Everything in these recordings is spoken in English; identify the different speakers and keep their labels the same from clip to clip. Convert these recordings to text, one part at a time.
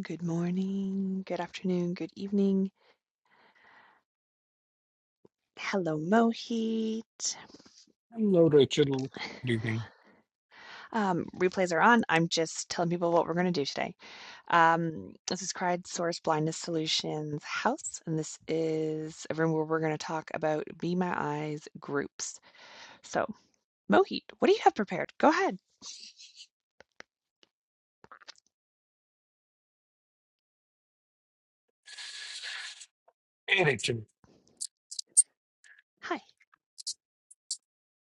Speaker 1: Good morning, good afternoon, good evening. Hello, Mohit.
Speaker 2: Hello, Rachel. Good evening.
Speaker 1: Um, replays are on. I'm just telling people what we're going to do today. Um, this is Crowdsource Blindness Solutions House, and this is a room where we're going to talk about Be My Eyes groups. So, Mohit, what do you have prepared? Go ahead.
Speaker 2: Hey, Rachel.
Speaker 1: Hi.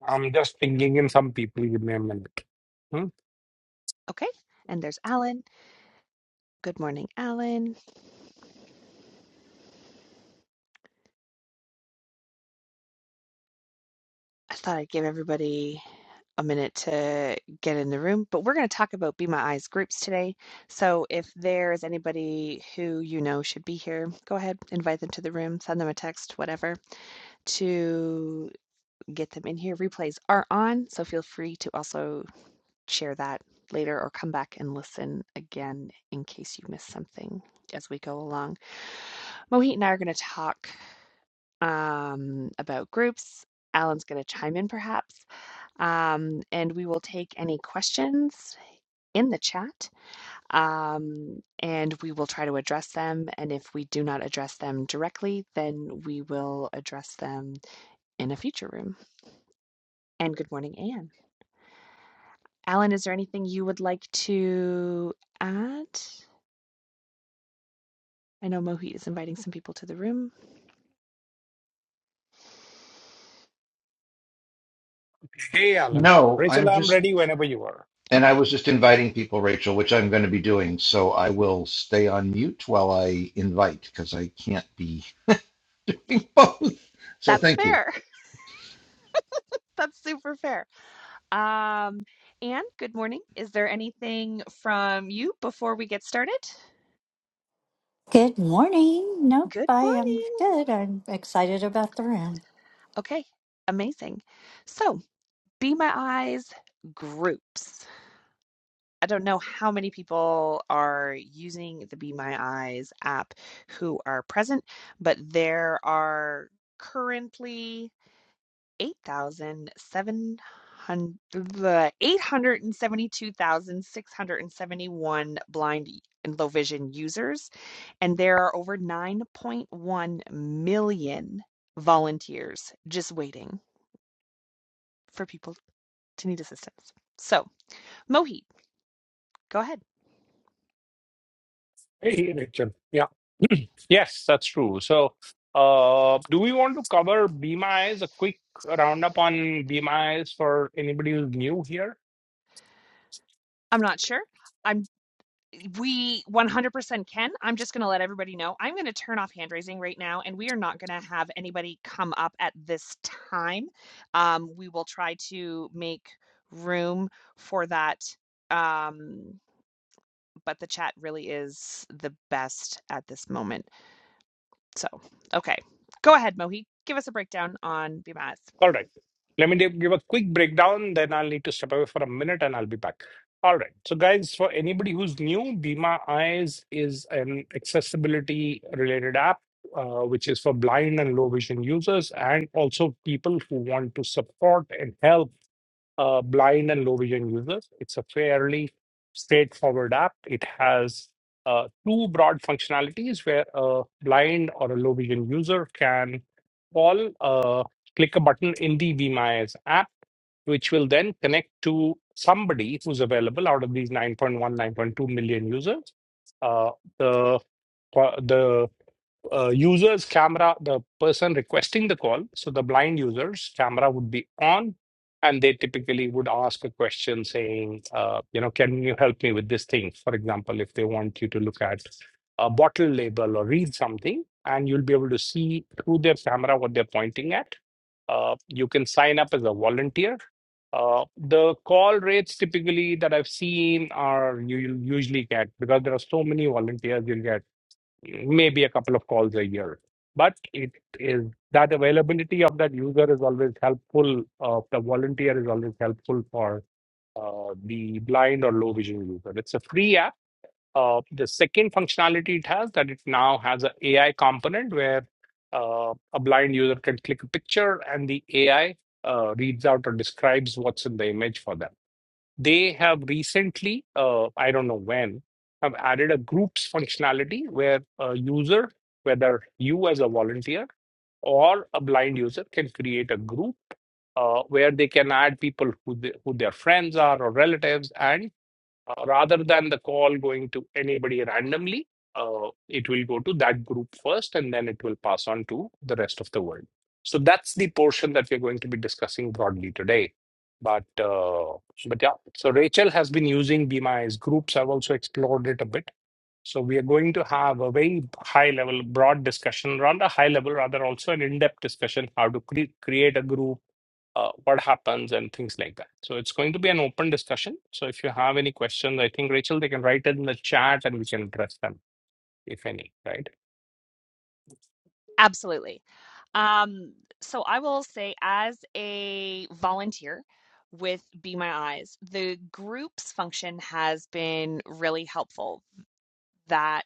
Speaker 2: I'm just pinging in some people. Give me a minute. Hmm?
Speaker 1: Okay. And there's Alan. Good morning, Alan. I thought I'd give everybody a minute to get in the room, but we're going to talk about Be My Eyes groups today. So if there is anybody who you know should be here, go ahead, invite them to the room, send them a text, whatever, to get them in here. Replays are on, so feel free to also share that later or come back and listen again in case you miss something as we go along. Mohit and I are going to talk um, about groups. Alan's going to chime in perhaps um, and we will take any questions in the chat um, and we will try to address them. And if we do not address them directly, then we will address them in a future room. And good morning, Anne. Alan, is there anything you would like to add? I know Mohit is inviting some people to the room.
Speaker 2: Hey, Alan.
Speaker 3: No,
Speaker 2: Rachel,
Speaker 3: I'm
Speaker 2: I'm
Speaker 3: just,
Speaker 2: ready whenever you are.
Speaker 3: and
Speaker 2: Hmm.
Speaker 3: I
Speaker 1: Okay,
Speaker 3: was just inviting people, Rachel, which I'm going to be doing. So I will stay on mute while I invite because I can't be both. So
Speaker 1: that's
Speaker 3: thank you.
Speaker 1: fair. That's super fair. Um, Anne, good morning. Is there anything from you before we get started?
Speaker 4: Good morning. Nope,
Speaker 1: Good
Speaker 4: I am
Speaker 1: morning.
Speaker 4: good. I'm excited about the room.
Speaker 1: Okay, amazing. So, Be My Eyes groups. I don't know how many people are using the Be My Eyes app who are present, but there are currently 8,700 the 872,671 blind and low vision users, and there are over 9.1 million volunteers just waiting for people to need assistance. So, Mohit, go ahead.
Speaker 2: Hey, hey, Rachel. Yeah. Yes, that's true. So, uh, do we want to cover BMIs? A quick roundup on BMIs for anybody who's new here?
Speaker 1: I'm not sure. I'm we 100% can. I'm just going to let everybody know. I'm going to turn off hand raising right now, and we are not going to have anybody come up at this time. Um, we will try to make room for that. Um, but the chat really is the best at this moment. So, okay. Go ahead, Mohi. Give us a breakdown on BMIs.
Speaker 2: All right. Let me give give a quick breakdown, then I'll need to step away for a minute and I'll be back. All right. So, guys, for anybody who's new, Bima Eyes is an accessibility related app, uh, which is for blind and low vision users and also people who want to support and help uh, blind and low vision users. It's a fairly straightforward app. It has uh, two broad functionalities where a blind or a low vision user can call, uh, click a button in the VMIS app, which will then connect to somebody who's available out of these nine point one nine point two million users. Uh, the the uh, user's camera, the person requesting the call, so the blind user's camera would be on, and they typically would ask a question saying, uh, you know, can you help me with this thing? For example, if they want you to look at a bottle label or read something, and you'll be able to see through their camera what they're pointing at. Uh, you can sign up as a volunteer. Uh, the call rates typically that I've seen are you you'll usually get because there are so many volunteers, you'll get maybe a couple of calls a year. But it is that availability of that user is always helpful. Uh, the volunteer is always helpful for uh, the blind or low vision user. It's a free app. Uh, the second functionality it has that it now has an AI component where uh, a blind user can click a picture and the AI uh, reads out or describes what's in the image for them they have recently, uh, I don't know when, have added a groups functionality where a user, whether you as a volunteer or a blind user, can create a group uh, where they can add people who, they, who their friends are or relatives, and uh, rather than the call going to anybody randomly, uh, it will go to that group first and then it will pass on to the rest of the world. So that's the portion that we're going to be discussing broadly today. But uh, but yeah, so Rachel has been using BMI's groups. I've also explored it a bit. So we are going to have a very high level, broad discussion around a high level, rather also an in-depth discussion how to cre- create a group uh, what happens and things like that. So it's going to be an open discussion. So if you have any questions, I think Rachel, they can write it in the chat and we can address them, if any, right?
Speaker 1: Absolutely. Um, so I will say, as a volunteer with Be My Eyes, the groups function has been really helpful. That.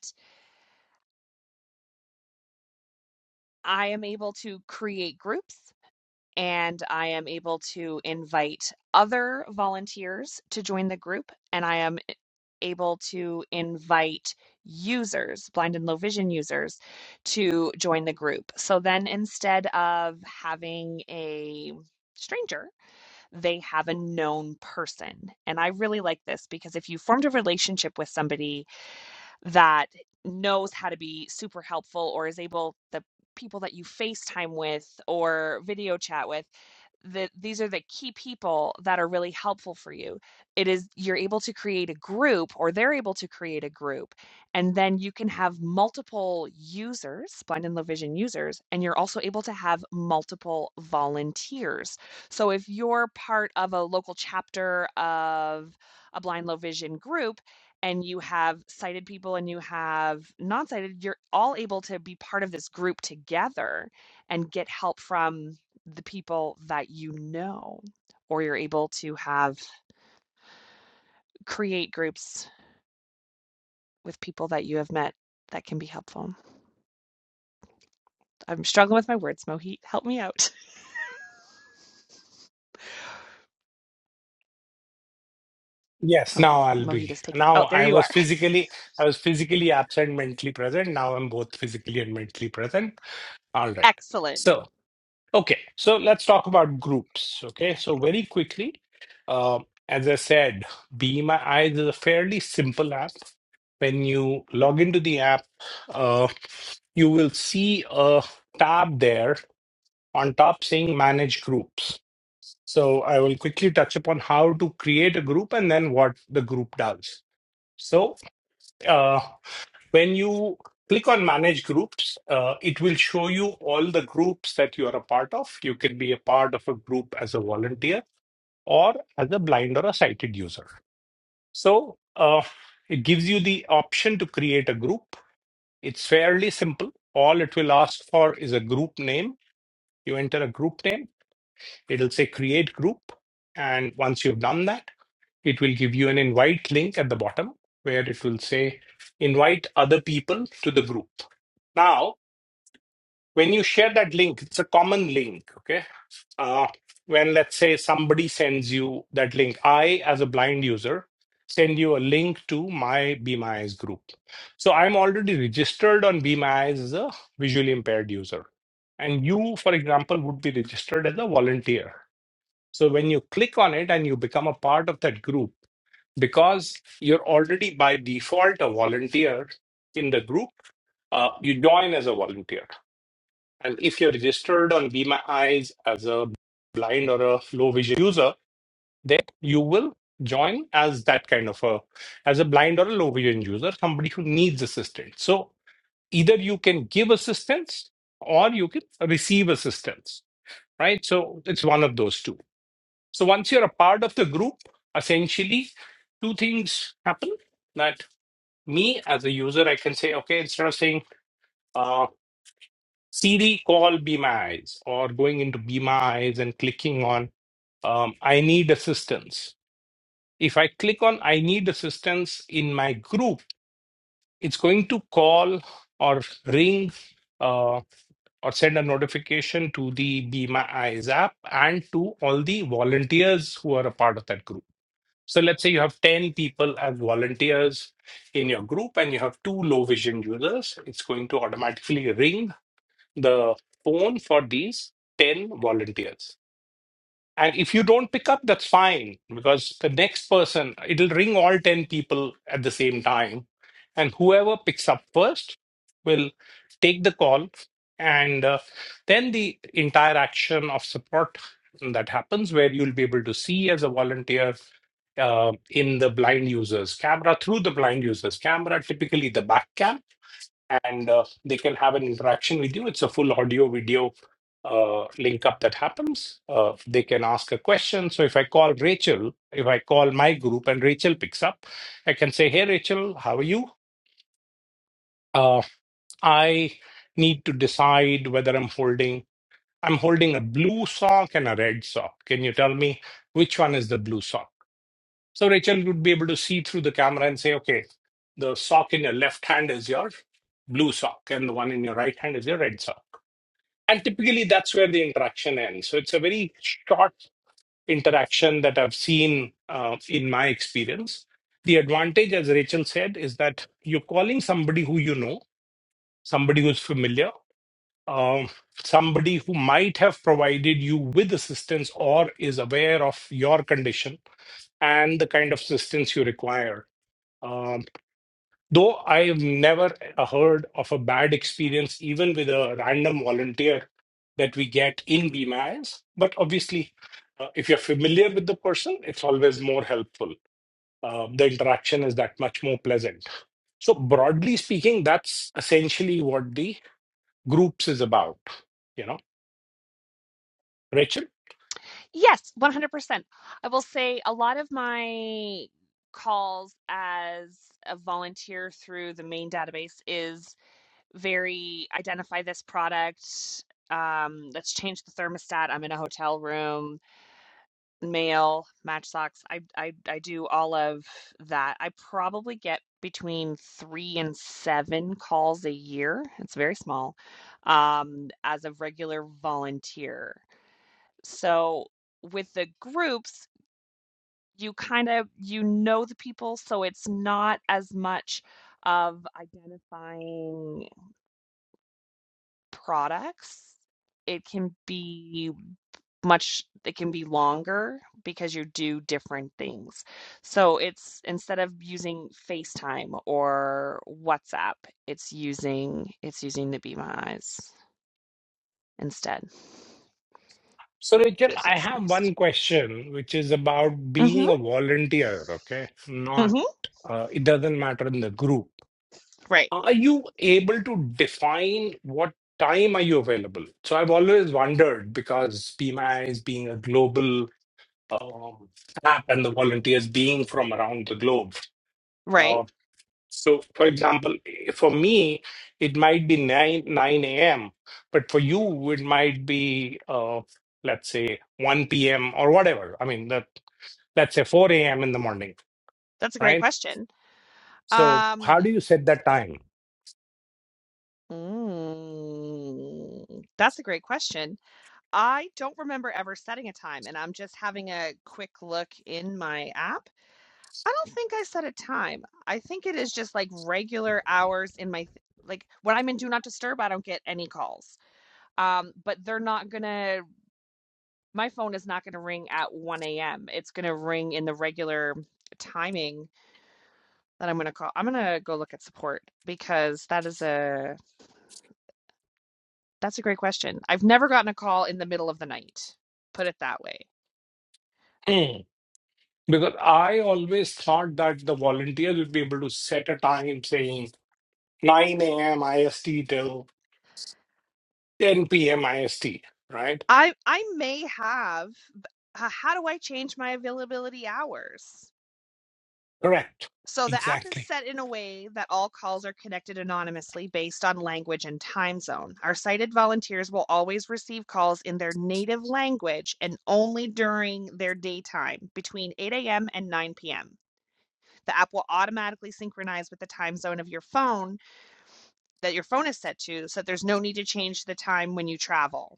Speaker 1: I am able to create groups and I am able to invite other volunteers to join the group. And I am able to invite users, blind and low vision users, to join the group. So then instead of having a stranger, they have a known person. And I really like this because if you formed a relationship with somebody, that knows how to be super helpful or is able the people that you FaceTime with or video chat with that these are the key people that are really helpful for you. It is you're able to create a group or they're able to create a group and then you can have multiple users, blind and low vision users and you're also able to have multiple volunteers. So if you're part of a local chapter of a blind low vision group and you have sighted people and you have non-sighted you're all able to be part of this group together and get help from the people that you know or you're able to have create groups with people that you have met that can be helpful i'm struggling with my words mohit help me out
Speaker 2: Yes,
Speaker 1: Mo-
Speaker 2: now I'll
Speaker 1: mohit
Speaker 2: be.
Speaker 1: is taken
Speaker 2: Now
Speaker 1: oh there
Speaker 2: I
Speaker 1: you
Speaker 2: was
Speaker 1: are
Speaker 2: physically, I was physically absent, mentally present. Now I'm both physically and mentally present. All right.
Speaker 1: excellent
Speaker 2: So. Okay, so let's talk about groups. Okay, so very quickly, um, as I said, Be My Eyes is a fairly simple app. When you log into the app, uh, you will see a tab there on top saying Manage Groups. So I will quickly touch upon how to create a group and then what the group does. So uh, when you click on manage groups, uh, it will show you all the groups that you are a part of. You can be a part of a group as a volunteer or as a blind or a sighted user. So uh, it gives you the option to create a group. It's fairly simple. All it will ask for is a group name. You enter a group name, it'll say create group. And once you've done that, it will give you an invite link at the bottom where it will say invite other people to the group. Now, when you share that link it's a common link okay uh, when let's say somebody sends you that link i as a blind user send you a link to my be my eyes group so i'm already registered on be my eyes as a visually impaired user and you for example would be registered as a volunteer so when you click on it and you become a part of that group because you're already by default a volunteer in the group uh, you join as a volunteer and if you're registered on Be My Eyes as a blind or a low vision user, then you will join as that kind of a as a blind or a low vision user, somebody who needs assistance. So either you can give assistance or you can receive assistance, right? So it's one of those two. So once you're a part of the group, essentially two things happen that me as a user, I can say, okay, instead of saying, uh. CD call Be My Eyes, or going into Be My Eyes and clicking on um, I need assistance. If I click on I need assistance in my group, it's going to call or ring uh, or send a notification to the Be My Eyes app and to all the volunteers who are a part of that group. So let's say you have 10 people as volunteers in your group and you have two low vision users, it's going to automatically ring the phone for these 10 volunteers. And if you don't pick up, that's fine because the next person, it'll ring all 10 people at the same time. And whoever picks up first will take the call. And uh, then the entire action of support that happens, where you'll be able to see as a volunteer uh, in the blind user's camera, through the blind user's camera, typically the back cam and uh, they can have an interaction with you. It's a full audio video uh, link up that happens. Uh, they can ask a question. So if I call Rachel, if I call my group and Rachel picks up, I can say, Hey, Rachel, how are you? Uh, I need to decide whether I'm holding. I'm holding a blue sock and a red sock. Can you tell me which one is the blue sock? So Rachel would be able to see through the camera and say, okay, the sock in your left hand is your blue sock and the one in your right hand is your red sock and typically that's where the interaction ends so it's a very short interaction that i've seen uh, in my experience the advantage as rachel said is that you're calling somebody who you know somebody who's familiar um, somebody who might have provided you with assistance or is aware of your condition and the kind of assistance you require Um, Though I've never heard of a bad experience, even with a random volunteer that we get in BMIS, but obviously, uh, if you're familiar with the person, it's always more helpful. Uh, the interaction is that much more pleasant. So, broadly speaking, that's essentially what the groups is about. You know, Rachel.
Speaker 1: Yes, 100%. I will say a lot of my calls as a volunteer through the main database is very identify this product. Um, let's change the thermostat. I'm in a hotel room. mail, Matchbox. I I I do all of that. I probably get between three and seven calls a year. It's very small, um, as a regular volunteer. So with the groups, you kind of you know the people, so it's not as much of identifying. products. It can be much it can be longer because you do different things. So it's instead of using FaceTime or WhatsApp, it's using it's using the Be My Eyes instead
Speaker 2: So, Rachel,
Speaker 1: because
Speaker 2: I
Speaker 1: it's
Speaker 2: have
Speaker 1: nice.
Speaker 2: one question, which is about
Speaker 1: Mhm.
Speaker 2: being a volunteer. Okay, not
Speaker 1: Mhm.
Speaker 2: uh, it doesn't matter in the group
Speaker 1: Right.
Speaker 2: are you able to define what time are you available so i've always wondered because pmi is being a global um, app and the volunteers being from around the globe
Speaker 1: Right.
Speaker 2: uh, so for example for me it might be 9 9 a.m but for you it might be uh, let's say 1 p.m or whatever i mean that let's say 4 a.m in the morning
Speaker 1: That's a great
Speaker 2: right
Speaker 1: question.
Speaker 2: so
Speaker 1: Um
Speaker 2: how do you set that time
Speaker 1: mm, that's a great question. I don't remember ever setting a time, and I'm just having a quick look in my app. I don't think I set a time. I think it is just like regular hours in my th- like when I'm in Do Not Disturb, I don't get any calls. Um, but they're not gonna. My phone is not gonna ring at 1 a.m. It's gonna ring in the regular timing that I'm gonna call. I'm gonna go look at support because that is a that's a great question. I've never gotten a call in the middle of the night. Put it that way.
Speaker 2: Because I always thought that the volunteers would be able to set a time saying 9 a.m. IST till 10 p.m. IST, right?
Speaker 1: I I may have. but, Uh, how do I change my availability hours?
Speaker 2: Correct.
Speaker 1: So the app is
Speaker 2: Exactly.
Speaker 1: set in a way that all calls are connected anonymously based on language and time zone. Our sighted volunteers will always receive calls in their native language and only during their daytime between 8 a.m. and 9 p.m. The app will automatically synchronize with the time zone of your phone that your phone is set to, so that there's no need to change the time when you travel.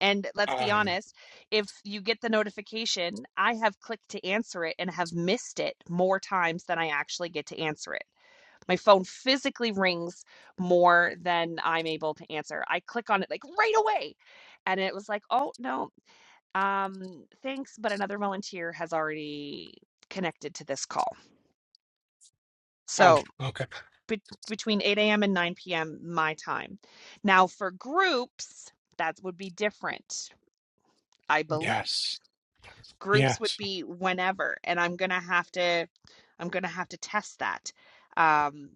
Speaker 1: And let's be
Speaker 2: Um,
Speaker 1: honest, if you get the notification, I have clicked to answer it and have missed it more times than I actually get to answer it. My phone physically rings more than I'm able to answer. I click on it like right away. And it was like, oh, no, um, thanks, but another volunteer has already connected to this call.
Speaker 2: oh,
Speaker 1: So
Speaker 2: okay.
Speaker 1: be- between 8 a.m. and 9 p.m., my time. Now, for groups, that would be different, I believe.
Speaker 2: Yes.
Speaker 1: groups would
Speaker 2: Yes.
Speaker 1: be whenever and i'm gonna have to i'm gonna have to test that um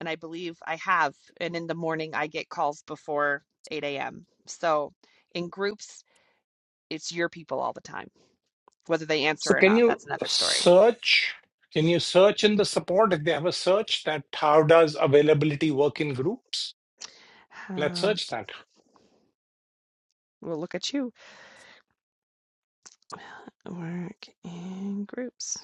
Speaker 1: and i believe i have and in the morning i get calls before 8 a.m so in groups it's your people all the time whether they
Speaker 2: So
Speaker 1: answer or
Speaker 2: can
Speaker 1: not
Speaker 2: you
Speaker 1: that's another story
Speaker 2: search? Can you search in the support if they have a search that how does availability work in groups? Let's
Speaker 1: um,
Speaker 2: search that.
Speaker 1: well look at you work in groups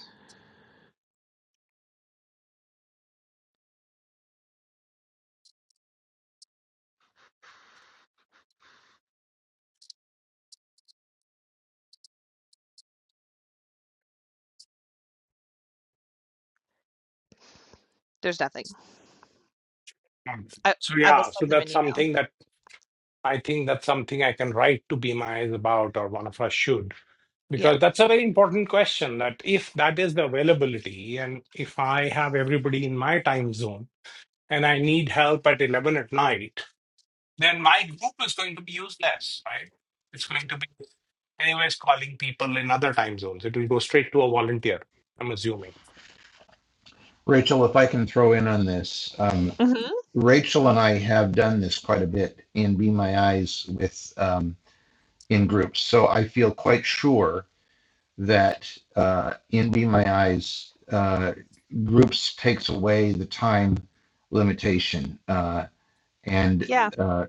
Speaker 1: there's nothing
Speaker 2: Um,
Speaker 1: i
Speaker 2: so
Speaker 1: i will
Speaker 2: yeah,
Speaker 1: send
Speaker 2: so
Speaker 1: them an
Speaker 2: that's
Speaker 1: email
Speaker 2: something that I think that's something I can write to Be My Eyes about, or one of us should,
Speaker 1: yeah
Speaker 2: because that's a very important question. That if that is the availability, and if I have everybody in my time zone and I need help at 11 at night, then my group is going to be useless, right? It's going to be, anyways, calling people in other time zones. It will go straight to a volunteer, I'm assuming.
Speaker 3: Rachel, if I can throw in on this, um,
Speaker 1: hmm
Speaker 3: Rachel and I have done this quite a bit in Be My Eyes with um, in groups. So I feel quite sure that uh, in Be My Eyes, uh, groups takes away the time limitation. Uh, and
Speaker 1: yeah
Speaker 3: uh,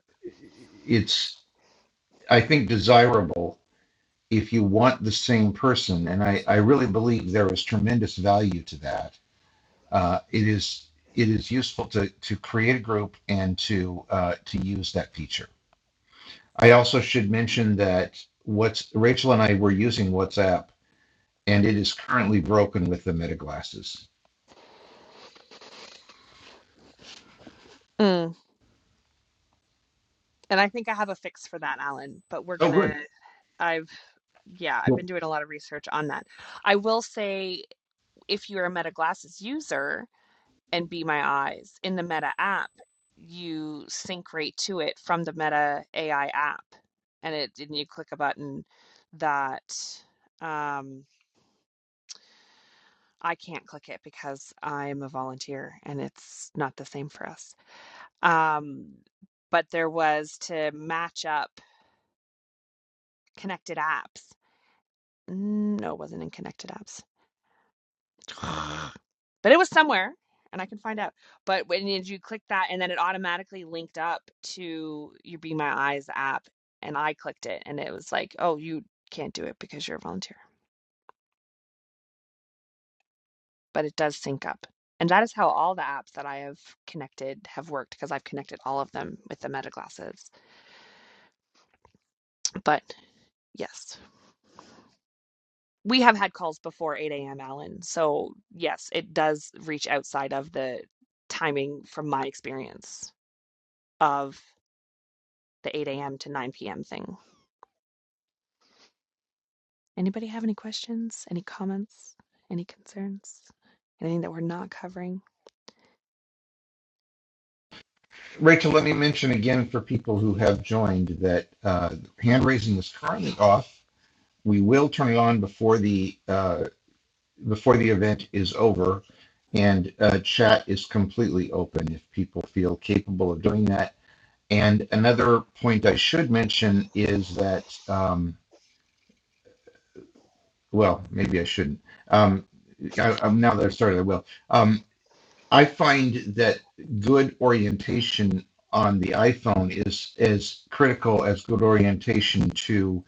Speaker 3: it's i think desirable if you want the same person and i, I really believe there is tremendous value to that uh, it is it is useful to to create a group and to uh, to use that feature i also should mention that what's rachel and i were using whatsapp and it is currently broken with the meta glasses
Speaker 1: Mm. And I think I have a fix for that, Alan, but we're
Speaker 3: oh good
Speaker 1: gonna, I've, yeah, I've
Speaker 3: well,
Speaker 1: been doing a lot of research on that. I will say if you're a Meta Glasses user and Be My Eyes in the Meta app, you sync right to it from the Meta AI app. And it and you click a button that um, I can't click it because I'm a volunteer and it's not the same for us. Um, but there was to match up connected apps. Mm, No, it wasn't in Connected Apps. But it was somewhere and I can find out. But when you you click that and then it automatically linked up to your Be My Eyes app and I clicked it and it was like, "Oh, you can't do it because you're a volunteer." But it does sync up. And that is how all the apps that I have connected have worked because I've connected all of them with the Meta glasses. But yes, we have had calls before 8 a.m., Alan. So yes, it does reach outside of the timing from my experience. of the 8 a.m. to 9 p.m. thing. Anybody have any questions, any comments, any concerns, anything that we're not covering?
Speaker 3: Rachel, let me mention again for people who have joined that uh, hand raising is currently off. we will turn it on before the uh, before the event is over, and uh, chat is completely open if people feel capable of doing that. And another point I should mention is that um, well, maybe I shouldn't. Um, I, I'm, now that I've started, I will. Um, I find that good orientation on the iPhone is as critical as good orientation to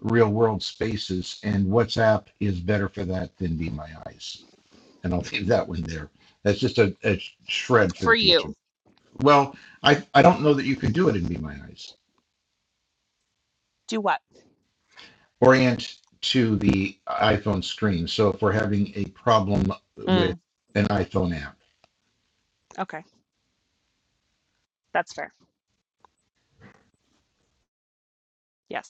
Speaker 3: real world spaces, and WhatsApp is better for that than Be My Eyes. And I'll leave that one there. That's just a, a shred for the
Speaker 1: For
Speaker 3: future.
Speaker 1: you,
Speaker 3: Well, I, I don't know that you could do it in Be My Eyes.
Speaker 1: do what?
Speaker 3: Orient to the iPhone screen. So if we're having a problem with
Speaker 1: Mm,
Speaker 3: an iPhone app,
Speaker 1: okay, that's fair. Yes.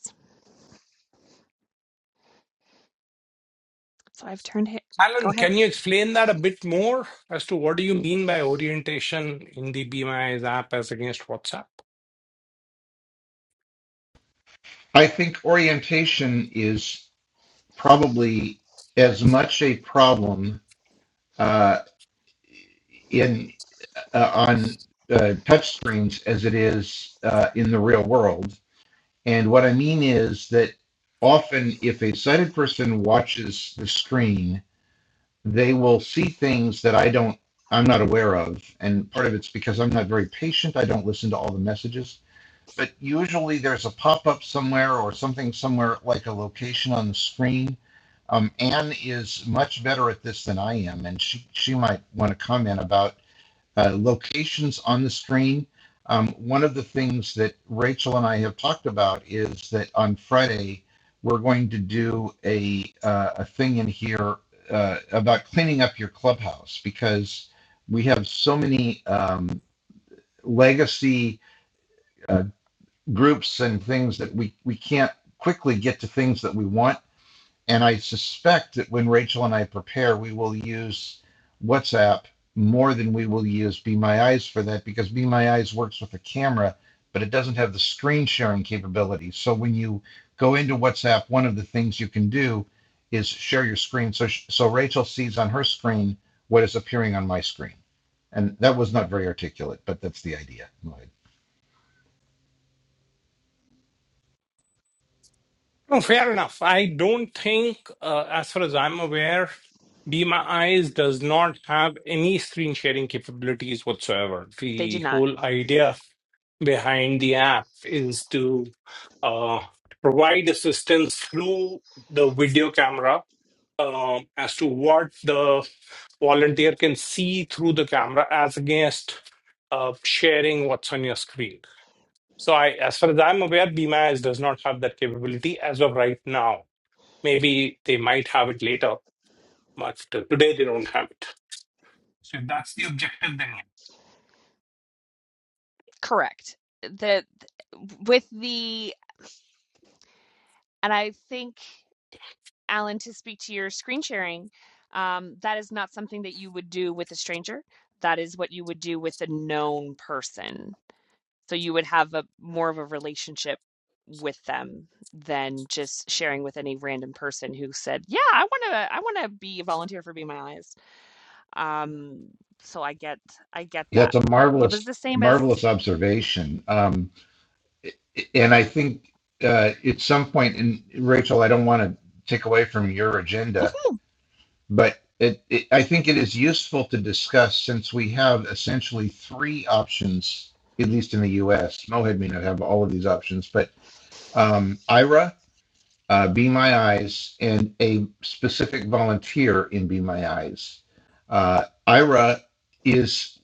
Speaker 1: So I've turned it. Go
Speaker 2: Alan,
Speaker 1: ahead.
Speaker 2: can you explain that a bit more as to what do you mean by orientation in the Be My Eyes app as against WhatsApp?
Speaker 3: I think orientation is. probably as much a problem uh, in uh, on uh, touch screens as it is uh, in the real world. And what I mean is that often, if a sighted person watches the screen, they will see things that I don't. I'm not aware of, and part of it's because I'm not very patient. I don't listen to all the messages but usually there's a pop-up somewhere or something somewhere like a location on the screen. Um, Anne is much better at this than I am, and she she might want to comment about uh, locations on the screen. Um, one of the things that Rachel and I have talked about is that on Friday we're going to do a uh, a thing in here uh, about cleaning up your clubhouse because we have so many um, legacy uh, groups and things that we we can't quickly get to things that we want. And I suspect that when Rachel and I prepare, we will use WhatsApp more than we will use Be My Eyes for that because Be My Eyes works with a camera, but it doesn't have the screen sharing capability. So when you go into WhatsApp, one of the things you can do is share your screen. So so Rachel sees on her screen what is appearing on my screen. And that was not very articulate, but that's the idea.
Speaker 2: No, fair enough. I don't think, uh, as far as I'm aware, Be My Eyes does not have any screen sharing capabilities whatsoever.
Speaker 1: They
Speaker 2: The
Speaker 1: did not.
Speaker 2: whole idea behind the app is to uh, provide assistance through the video camera um, as to what the volunteer can see through the camera as against uh, sharing what's on your screen. So, I, as far as I'm aware, BMAS does not have that capability as of right now. Maybe they might have it later, but t- today they don't have it. So, if that's the objective, then yeah.
Speaker 1: Correct. The with the and I think Alan to speak to your screen sharing, um, that is not something that you would do with a stranger. That is what you would do with a known person. So you would have a more of a relationship with them than just sharing with any random person who said, "Yeah, I want to I want to be a volunteer for Be My Eyes." Um so I get I get
Speaker 3: Yeah, it's
Speaker 1: that.
Speaker 3: a
Speaker 1: It was
Speaker 3: marvelous,
Speaker 1: the same as
Speaker 3: marvelous observation. Um, and I think uh, at some point, and Rachel, I don't want to take away from your agenda, but it, it, I think it is useful to discuss since we have essentially three options, at least in the U.S. Mohead may not have all of these options, but um, IRA, uh, Be My Eyes, and a specific volunteer in Be My Eyes. Uh, IRA is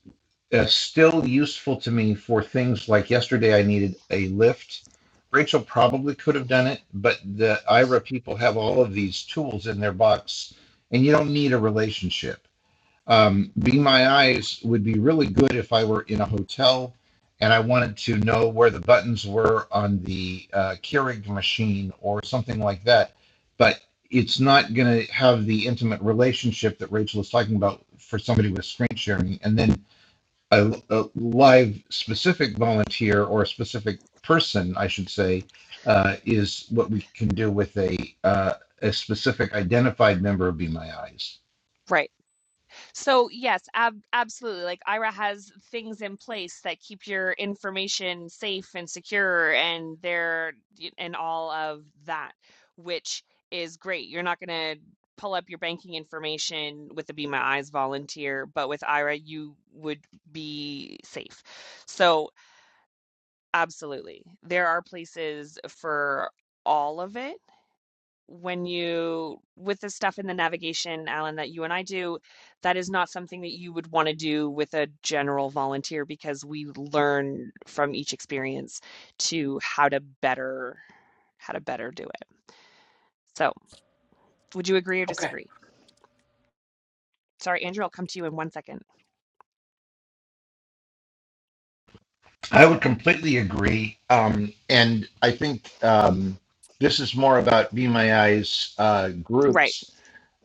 Speaker 3: uh, still useful to me for things like yesterday I needed a lift. Rachel probably could have done it, but the IRA people have all of these tools in their box, and you don't need a relationship. Um, Be My Eyes would be really good if I were in a hotel and I wanted to know where the buttons were on the uh, Keurig machine or something like that. But it's not going to have the intimate relationship that Rachel is talking about for somebody with screen sharing. And then a, a live specific volunteer or a specific person, I should say, uh, is what we can do with a uh, a specific identified member of Be My Eyes.
Speaker 1: right. So yes, ab- absolutely. Like IRA has things in place that keep your information safe and secure, and there and all of that, which is great. You're not going to pull up your banking information with the Be My Eyes volunteer, but with IRA, you would be safe. So absolutely, there are places for all of it when you with the stuff in the navigation, Alan, that you and I do, that is not something that you would want to do with a general volunteer because we learn from each experience to how to better how to better do it. So, would you agree or
Speaker 2: okay.
Speaker 1: disagree? Sorry, Andrew, I'll come to you in one second.
Speaker 3: I would completely agree, um, and I think um, this is more about Be My Eyes uh,
Speaker 1: Right.
Speaker 3: groups.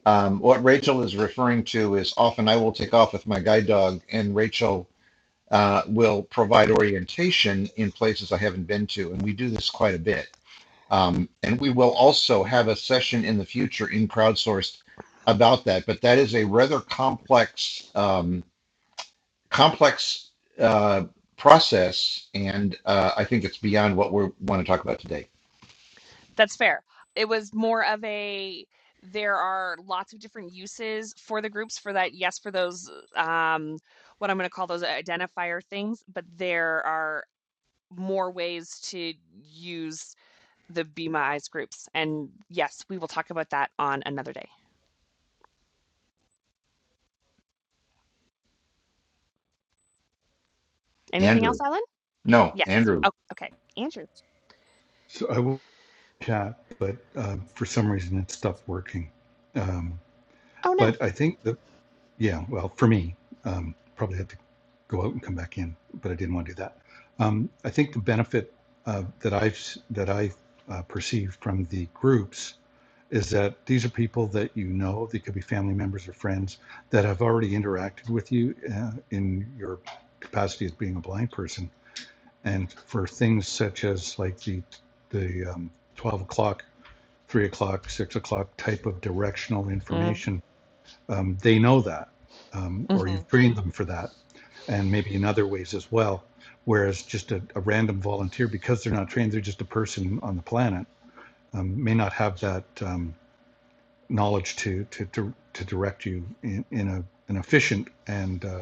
Speaker 3: Um, what Rachel is referring to is often I will take off with my guide dog, and Rachel uh, will provide orientation in places I haven't been to, and we do this quite a bit Um, and we will also have a session in the future in crowdsourced about that. But that is a rather complex, um, complex uh, process, and uh, I think it's beyond what we want to talk about today.
Speaker 1: That's fair. It was more of a there are lots of different uses for the groups for that. Yes, for those um, what I'm going to call those identifier things, but there are more ways to use the Be My Eyes groups. And yes, we will talk about that on another day. Anything
Speaker 3: Andrew,
Speaker 1: else, Ellen?
Speaker 3: no,
Speaker 1: Yes.
Speaker 3: Andrew.
Speaker 1: Oh, okay. Andrew.
Speaker 5: So I will chat, but um, for some reason it stopped working. Um,
Speaker 1: Oh no.
Speaker 5: but I think that, yeah, well, for me, um, probably had to go out and come back in, but I didn't want to do that. Um, I think the benefit uh, that I've that I uh, perceive from the groups is that these are people that you know. They could be family members or friends that have already interacted with you uh, in your capacity as being a blind person and for things such as like the, the um, 12 o'clock, 3 o'clock, 6 o'clock type of directional
Speaker 1: Mm,
Speaker 5: information, um, they know that, um, or
Speaker 1: Mm-hmm.
Speaker 5: you've trained them for that, and maybe in other ways as well. Whereas just a, a random volunteer, because they're not trained, they're just a person on the planet, um, may not have that um, knowledge to, to, to, to direct you in, in a, an efficient and uh,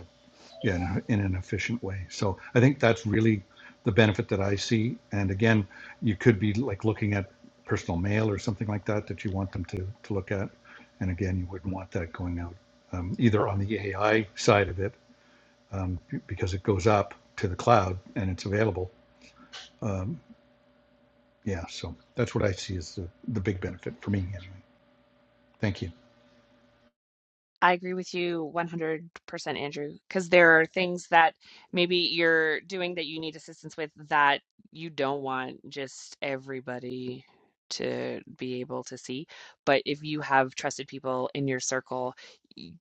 Speaker 5: yeah, in, in an efficient way. So I think that's really the benefit that I see. And again, you could be like looking at personal mail or something like that that you want them to, to look at. And again, you wouldn't want that going out um, either on the AI side of it um, because it goes up to the cloud and it's available. Um, yeah, so that's what I see as the, the big benefit for me anyway. Thank you.
Speaker 1: I agree with you 100%, Andrew, because there are things that maybe you're doing that you need assistance with that you don't want just everybody to be able to see. But if you have trusted people in your circle, y-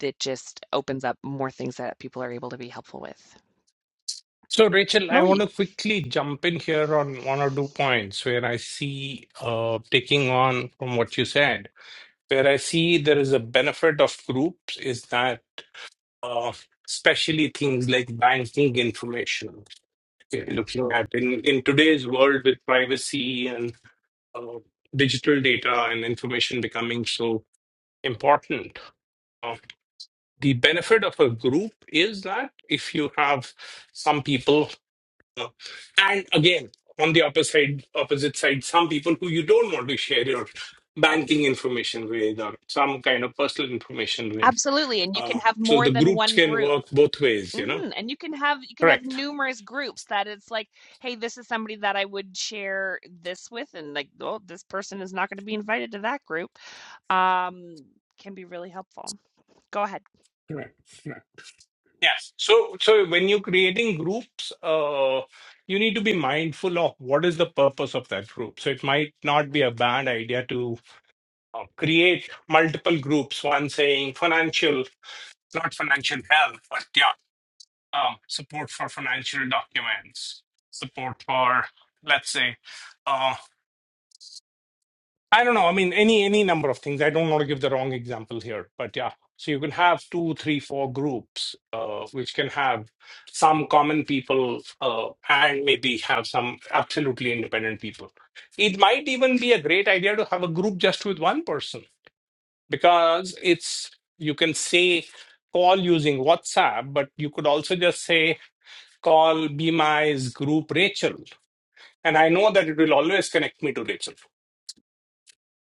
Speaker 1: that just opens up more things that people are able to be helpful with.
Speaker 2: So, Rachel, I
Speaker 1: Moe.
Speaker 2: want to quickly jump in here on one or two points where I see, uh, taking on from what you said, where I see there is a benefit of groups is that uh, especially things like banking information. Okay, Looking at in, in today's world with privacy and uh, digital data and information becoming so important, uh, the benefit of a group is that if you have some people, uh, and again on the opposite side, opposite side, some people who you don't want to share your banking information with or some kind of personal information with.
Speaker 1: Absolutely, and you can
Speaker 2: Uh,
Speaker 1: have
Speaker 2: so
Speaker 1: more
Speaker 2: the
Speaker 1: than
Speaker 2: groups
Speaker 1: one
Speaker 2: can
Speaker 1: group.
Speaker 2: work both ways, you know.
Speaker 1: hmm And you can have you can have
Speaker 2: Correct.
Speaker 1: numerous groups that it's like, hey, this is somebody that I would share this with, and like, well, this person is not going to be invited to that group. Um, can be really helpful. Go ahead.
Speaker 2: Right. Right. Yes. So, so when you're creating groups, uh, you need to be mindful of what is the purpose of that group. So it might not be a bad idea to uh, create multiple groups, one saying financial, not financial health, but yeah, um, support for financial documents, support for, let's say, um, I don't know. I mean, any any number of things. I don't want to give the wrong example here, but yeah. So you can have two, three, four groups, uh, which can have some common people uh, and maybe have some absolutely independent people. It might even be a great idea to have a group just with one person because it's you can say call using WhatsApp, but you could also just say call Be My's group Rachel, and I know that it will always connect me to Rachel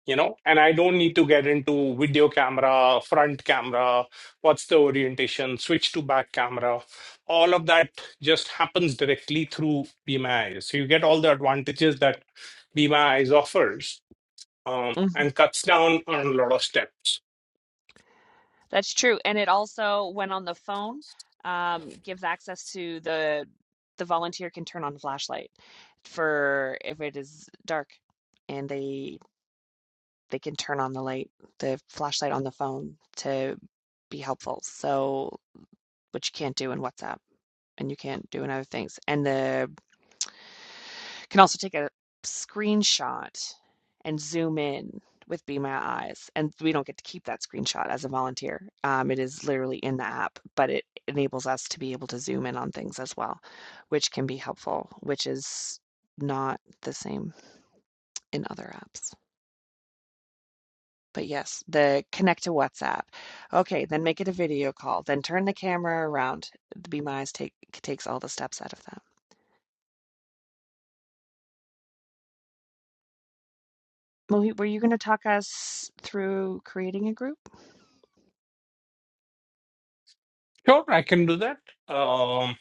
Speaker 2: you know and i don't need to get into video camera front camera what's the orientation switch to back camera all of that just happens directly through bmi so you get all the advantages that bmi offers um, and cuts down on a lot of steps
Speaker 1: That's true. And it also, when on the phone, um, gives access to the the volunteer can turn on the flashlight for if it is dark and they they can turn on the light, the flashlight on the phone to be helpful. So, which you can't do in WhatsApp and you can't do in other things. And the You can also take a screenshot and zoom in with Be My Eyes. And we don't get to keep that screenshot as a volunteer. Um, it is literally in the app, but it enables us to be able to zoom in on things as well, which can be helpful, which is not the same in other apps. But yes, the connect to WhatsApp. Okay, then make it a video call. Then turn the camera around. The Be My Eyes take, takes all the steps out of that. Mohit, were you going to talk us through creating a group?
Speaker 2: sure i can do that um,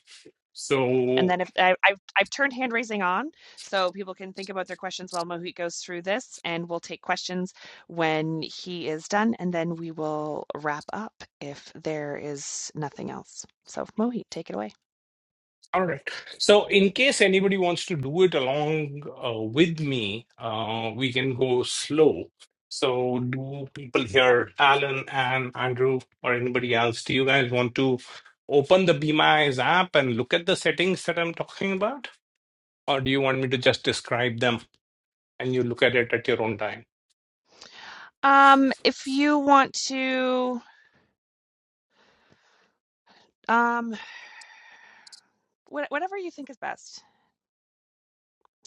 Speaker 1: And
Speaker 2: so
Speaker 1: then if I, I've, I've turned hand raising on so people can think about their questions while Mohit goes through this, and we'll take questions when he is done, and then we will wrap up if there is nothing else. So Mohit, take it away.
Speaker 2: All right. So, in case anybody wants to do it along uh, with me, uh, we can go slow. So, do people here, Alan and Andrew, or anybody else, do you guys want to open the Be My Eyes app and look at the settings that I'm talking about? Or do you want me to just describe them and you look at it at your own time?
Speaker 1: Um, if you want to, um, wha- whatever you think is best.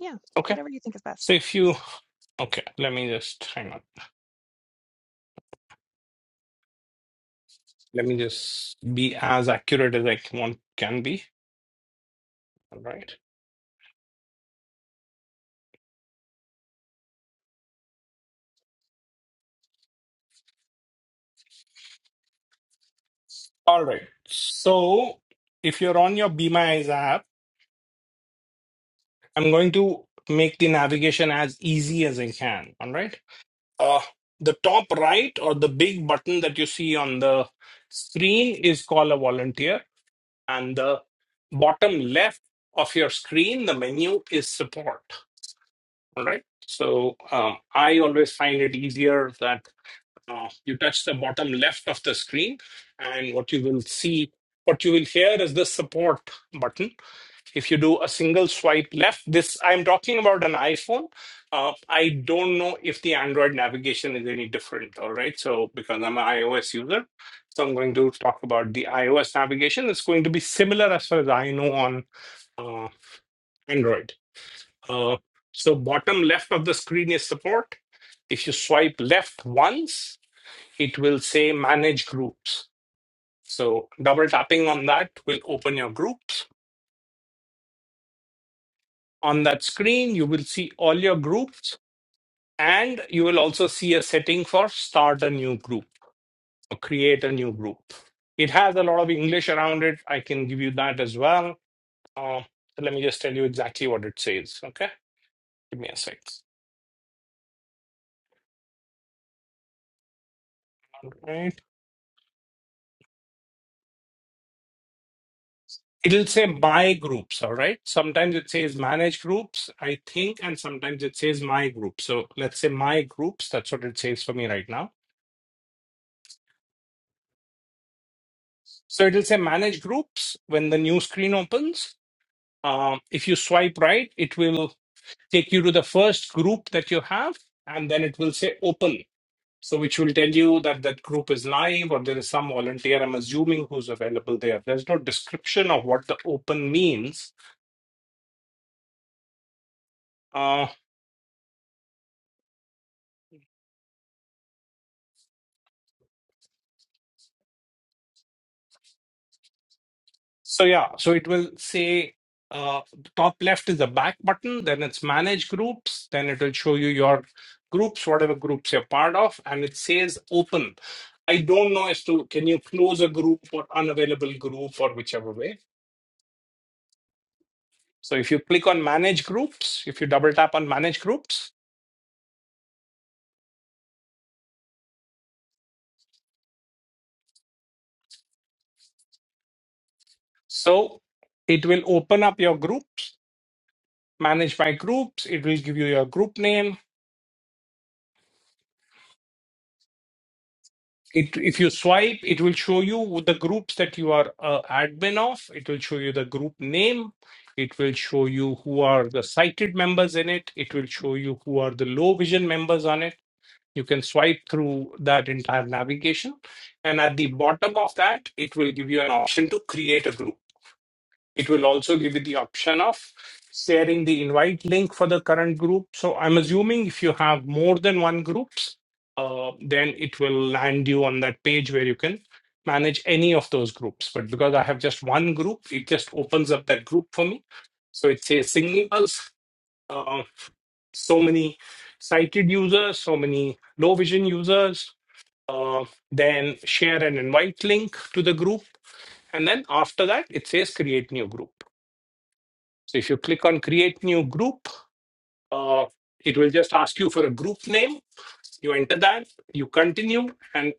Speaker 1: Yeah,
Speaker 2: Okay.
Speaker 1: whatever you think is best.
Speaker 2: So, if you, okay, let me just hang on. Let me just be as accurate as I can, can be. All right. All right. So if you're on your Be My Eyes app, I'm going to make the navigation as easy as I can. All right. Uh, the top right or the big button that you see on the screen is call a volunteer, and the bottom left of your screen, the menu is support. All right. So um, I always find it easier that uh, you touch the bottom left of the screen, and what you will see, what you will hear is the support button if you do a single swipe left this i'm talking about an iphone uh, i don't know if the android navigation is any different all right so because i'm an ios user so i'm going to talk about the ios navigation it's going to be similar as far as i know on uh, android uh, so bottom left of the screen is support if you swipe left once it will say manage groups so double tapping on that will open your groups on that screen you will see all your groups And you will also see a setting for start a new group or create a new group. It has a lot of English around it. I can give you that as well. Uh, so let me just tell you exactly what it says. Okay. Give me a sec. All right. It'll say my groups. All right. Sometimes it says manage groups, I think, and sometimes it says my group. So let's say my groups. That's what it says for me right now. So it'll say manage groups when the new screen opens. Um, if you swipe right, it will take you to the first group that you have, and then it will say open. So, which will tell you that that group is live or there is some volunteer, I'm assuming, who's available there. There's no description of what the open means. Uh, so, yeah, so it will say uh, the top left is the back button, then it's manage groups, then it will show you your groups, whatever groups you're part of, and it says open. I don't know as to can you close a group or unavailable group or whichever way So if you click on manage groups, if you double tap on manage groups, so it will open up your groups, manage my groups, it will give you your group name. It, if you swipe, it will show you the groups that you are uh, admin of. It will show you the group name. It will show you who are the sighted members in it. It will show you who are the low vision members on it. You can swipe through that entire navigation. And at the bottom of that, it will give you an option to create a group. It will also give you the option of sharing the invite link for the current group. So I'm assuming if you have more than one groups, uh, then it will land you on that page where you can manage any of those groups. But because I have just one group, it just opens up that group for me. So it says signals, uh, so many sighted users, so many low vision users, uh, then share an invite link to the group. And then after that, it says create new group. So if you click on create new group, uh, it will just ask you for a group name. You enter that, you continue, and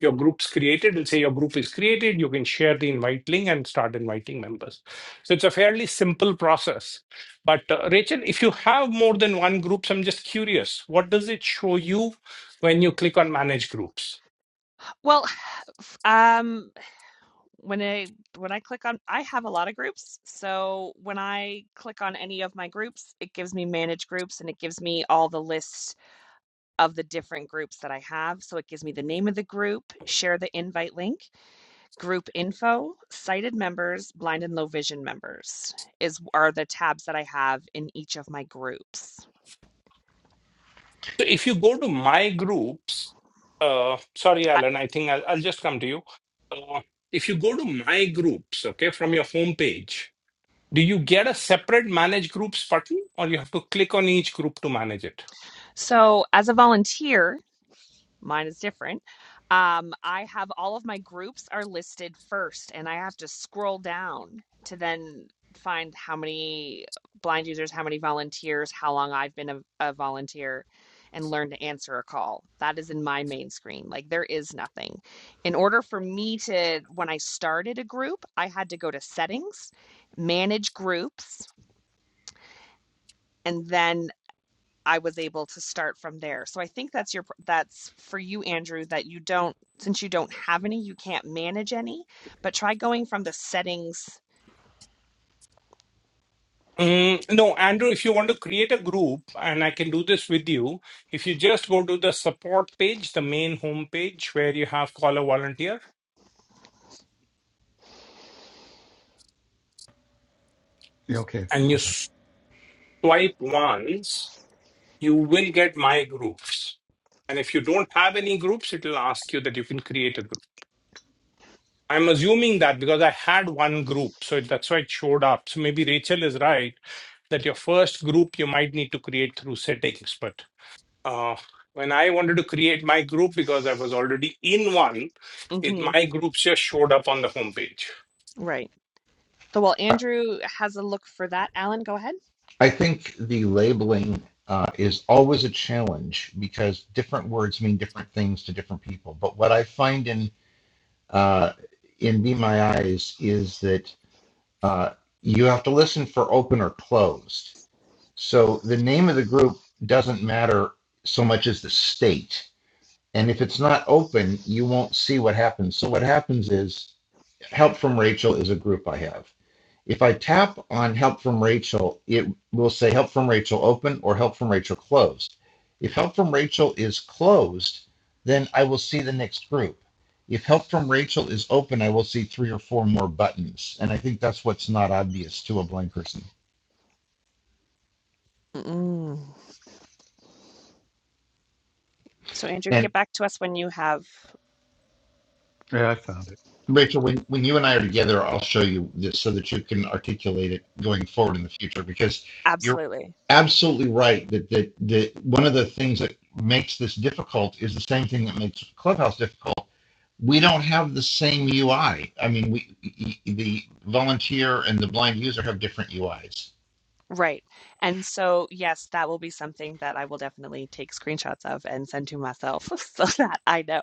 Speaker 2: your group's created. It'll say your group is created. You can share the invite link and start inviting members. So it's a fairly simple process. But uh, Rachel, if you have more than one groups, I'm just curious, what does it show you when you click on manage groups?
Speaker 1: Well, um, when I when I click on I have a lot of groups. So when I click on any of my groups, it gives me manage groups and it gives me all the lists of the different groups that I have. So it gives me the name of the group, share the invite link, group info, sighted members, blind and low vision members is are the tabs that I have in each of my groups.
Speaker 2: So if you go to my groups, uh, sorry, Alan, I think I'll, I'll just come to you. Uh, if you go to my groups, okay, from your homepage, do you get a separate manage groups button or you have to click on each group to manage it?
Speaker 1: So as a volunteer, mine is different um i have all of my groups are listed first and i have to scroll down to then find how many blind users how many volunteers how long i've been a, a volunteer and learn to answer a call that is in my main screen like there is nothing in order for me to when i started a group i had to go to settings manage groups and then I was able to start from there. So I think that's your that's for you, Andrew, that you don't since you don't have any, you can't manage any, but try going from the settings.
Speaker 2: Mm, no, Andrew, if you want to create a group, and I can do this with you, if you just go to the support page, the main homepage where you have call a volunteer,
Speaker 5: Yeah, okay.
Speaker 2: and you
Speaker 5: Hold on.
Speaker 2: swipe once, you will get my groups. And if you don't have any groups, it will ask you that you can create a group. I'm assuming that because I had one group, so that's why it showed up. So maybe Rachel is right that your first group you might need to create through settings, but uh, when I wanted to create my group because I was already in one, it
Speaker 1: hmm
Speaker 2: my groups just showed up on the homepage.
Speaker 1: right. So while Andrew has a look for that, Alan, go ahead.
Speaker 3: I think the labeling uh, is always a challenge because different words mean different things to different people. But what I find in uh, in Be My Eyes is that uh, you have to listen for open or closed So the name of the group doesn't matter so much as the state. And if it's not open, you won't see what happens. So what happens is Help from Rachel is a group I have. If I tap on Help from Rachel, it will say Help from Rachel open or Help from Rachel closed. If Help from Rachel is closed, then I will see the next group. If Help from Rachel is open, I will see three or four more buttons. And I think that's what's not obvious to a blind person.
Speaker 1: Mm. So Andrew,
Speaker 3: And
Speaker 1: get back to us when you have
Speaker 5: Yeah, I found it.
Speaker 3: Rachel, when, when you and I are together, I'll show you this so that you can articulate it going forward in the future because you're
Speaker 1: absolutely.
Speaker 3: absolutely right that that, that one of the things that makes this difficult is the same thing that makes Clubhouse difficult. We don't have the same UI. I I mean, we the volunteer and the blind user have different UIs.
Speaker 1: Right. And so yes, that will be something that I will definitely take screenshots of and send to myself so that I know.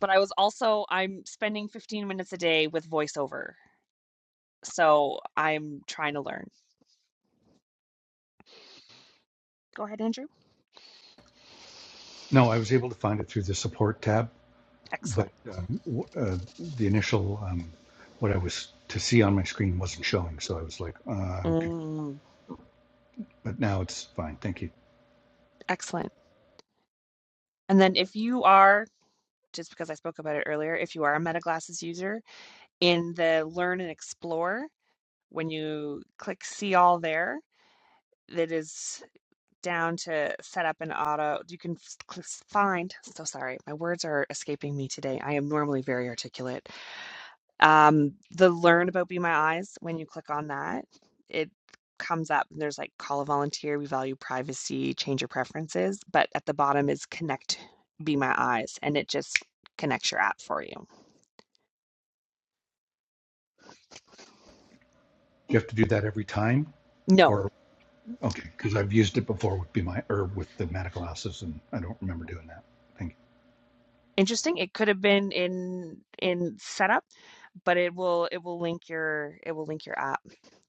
Speaker 1: But I was also I'm spending 15 minutes a day with voiceover So I'm trying to learn. Go ahead, Andrew.
Speaker 5: No, I was able to find it through the support tab. but
Speaker 1: Excellent.
Speaker 5: um, w- uh, the initial um, what I was to see on my screen wasn't showing, so I was like, uh, I'm good.
Speaker 1: Mm,
Speaker 5: But now it's fine. Thank you.
Speaker 1: excellent. And then if you are, just because I spoke about it earlier, if you are a MetaGlasses user, in the Learn and Explore, when you click See All there, that is down to set up an auto. You can s- cl- find, so sorry, my words are escaping me today. I am normally very articulate. Um, the learn about Be My Eyes, when you click on that, it comes up and there's like call a volunteer, we value privacy, change your preferences, but at the bottom is connect Be My Eyes and it just connects your app for you.
Speaker 5: you have to do that every time,
Speaker 1: No.
Speaker 5: or okay? Because I've used it before with be my or with the meta glasses, and I don't remember doing that. Thank you.
Speaker 1: Interesting. It could have been in in setup, but it will it will link your it will link your app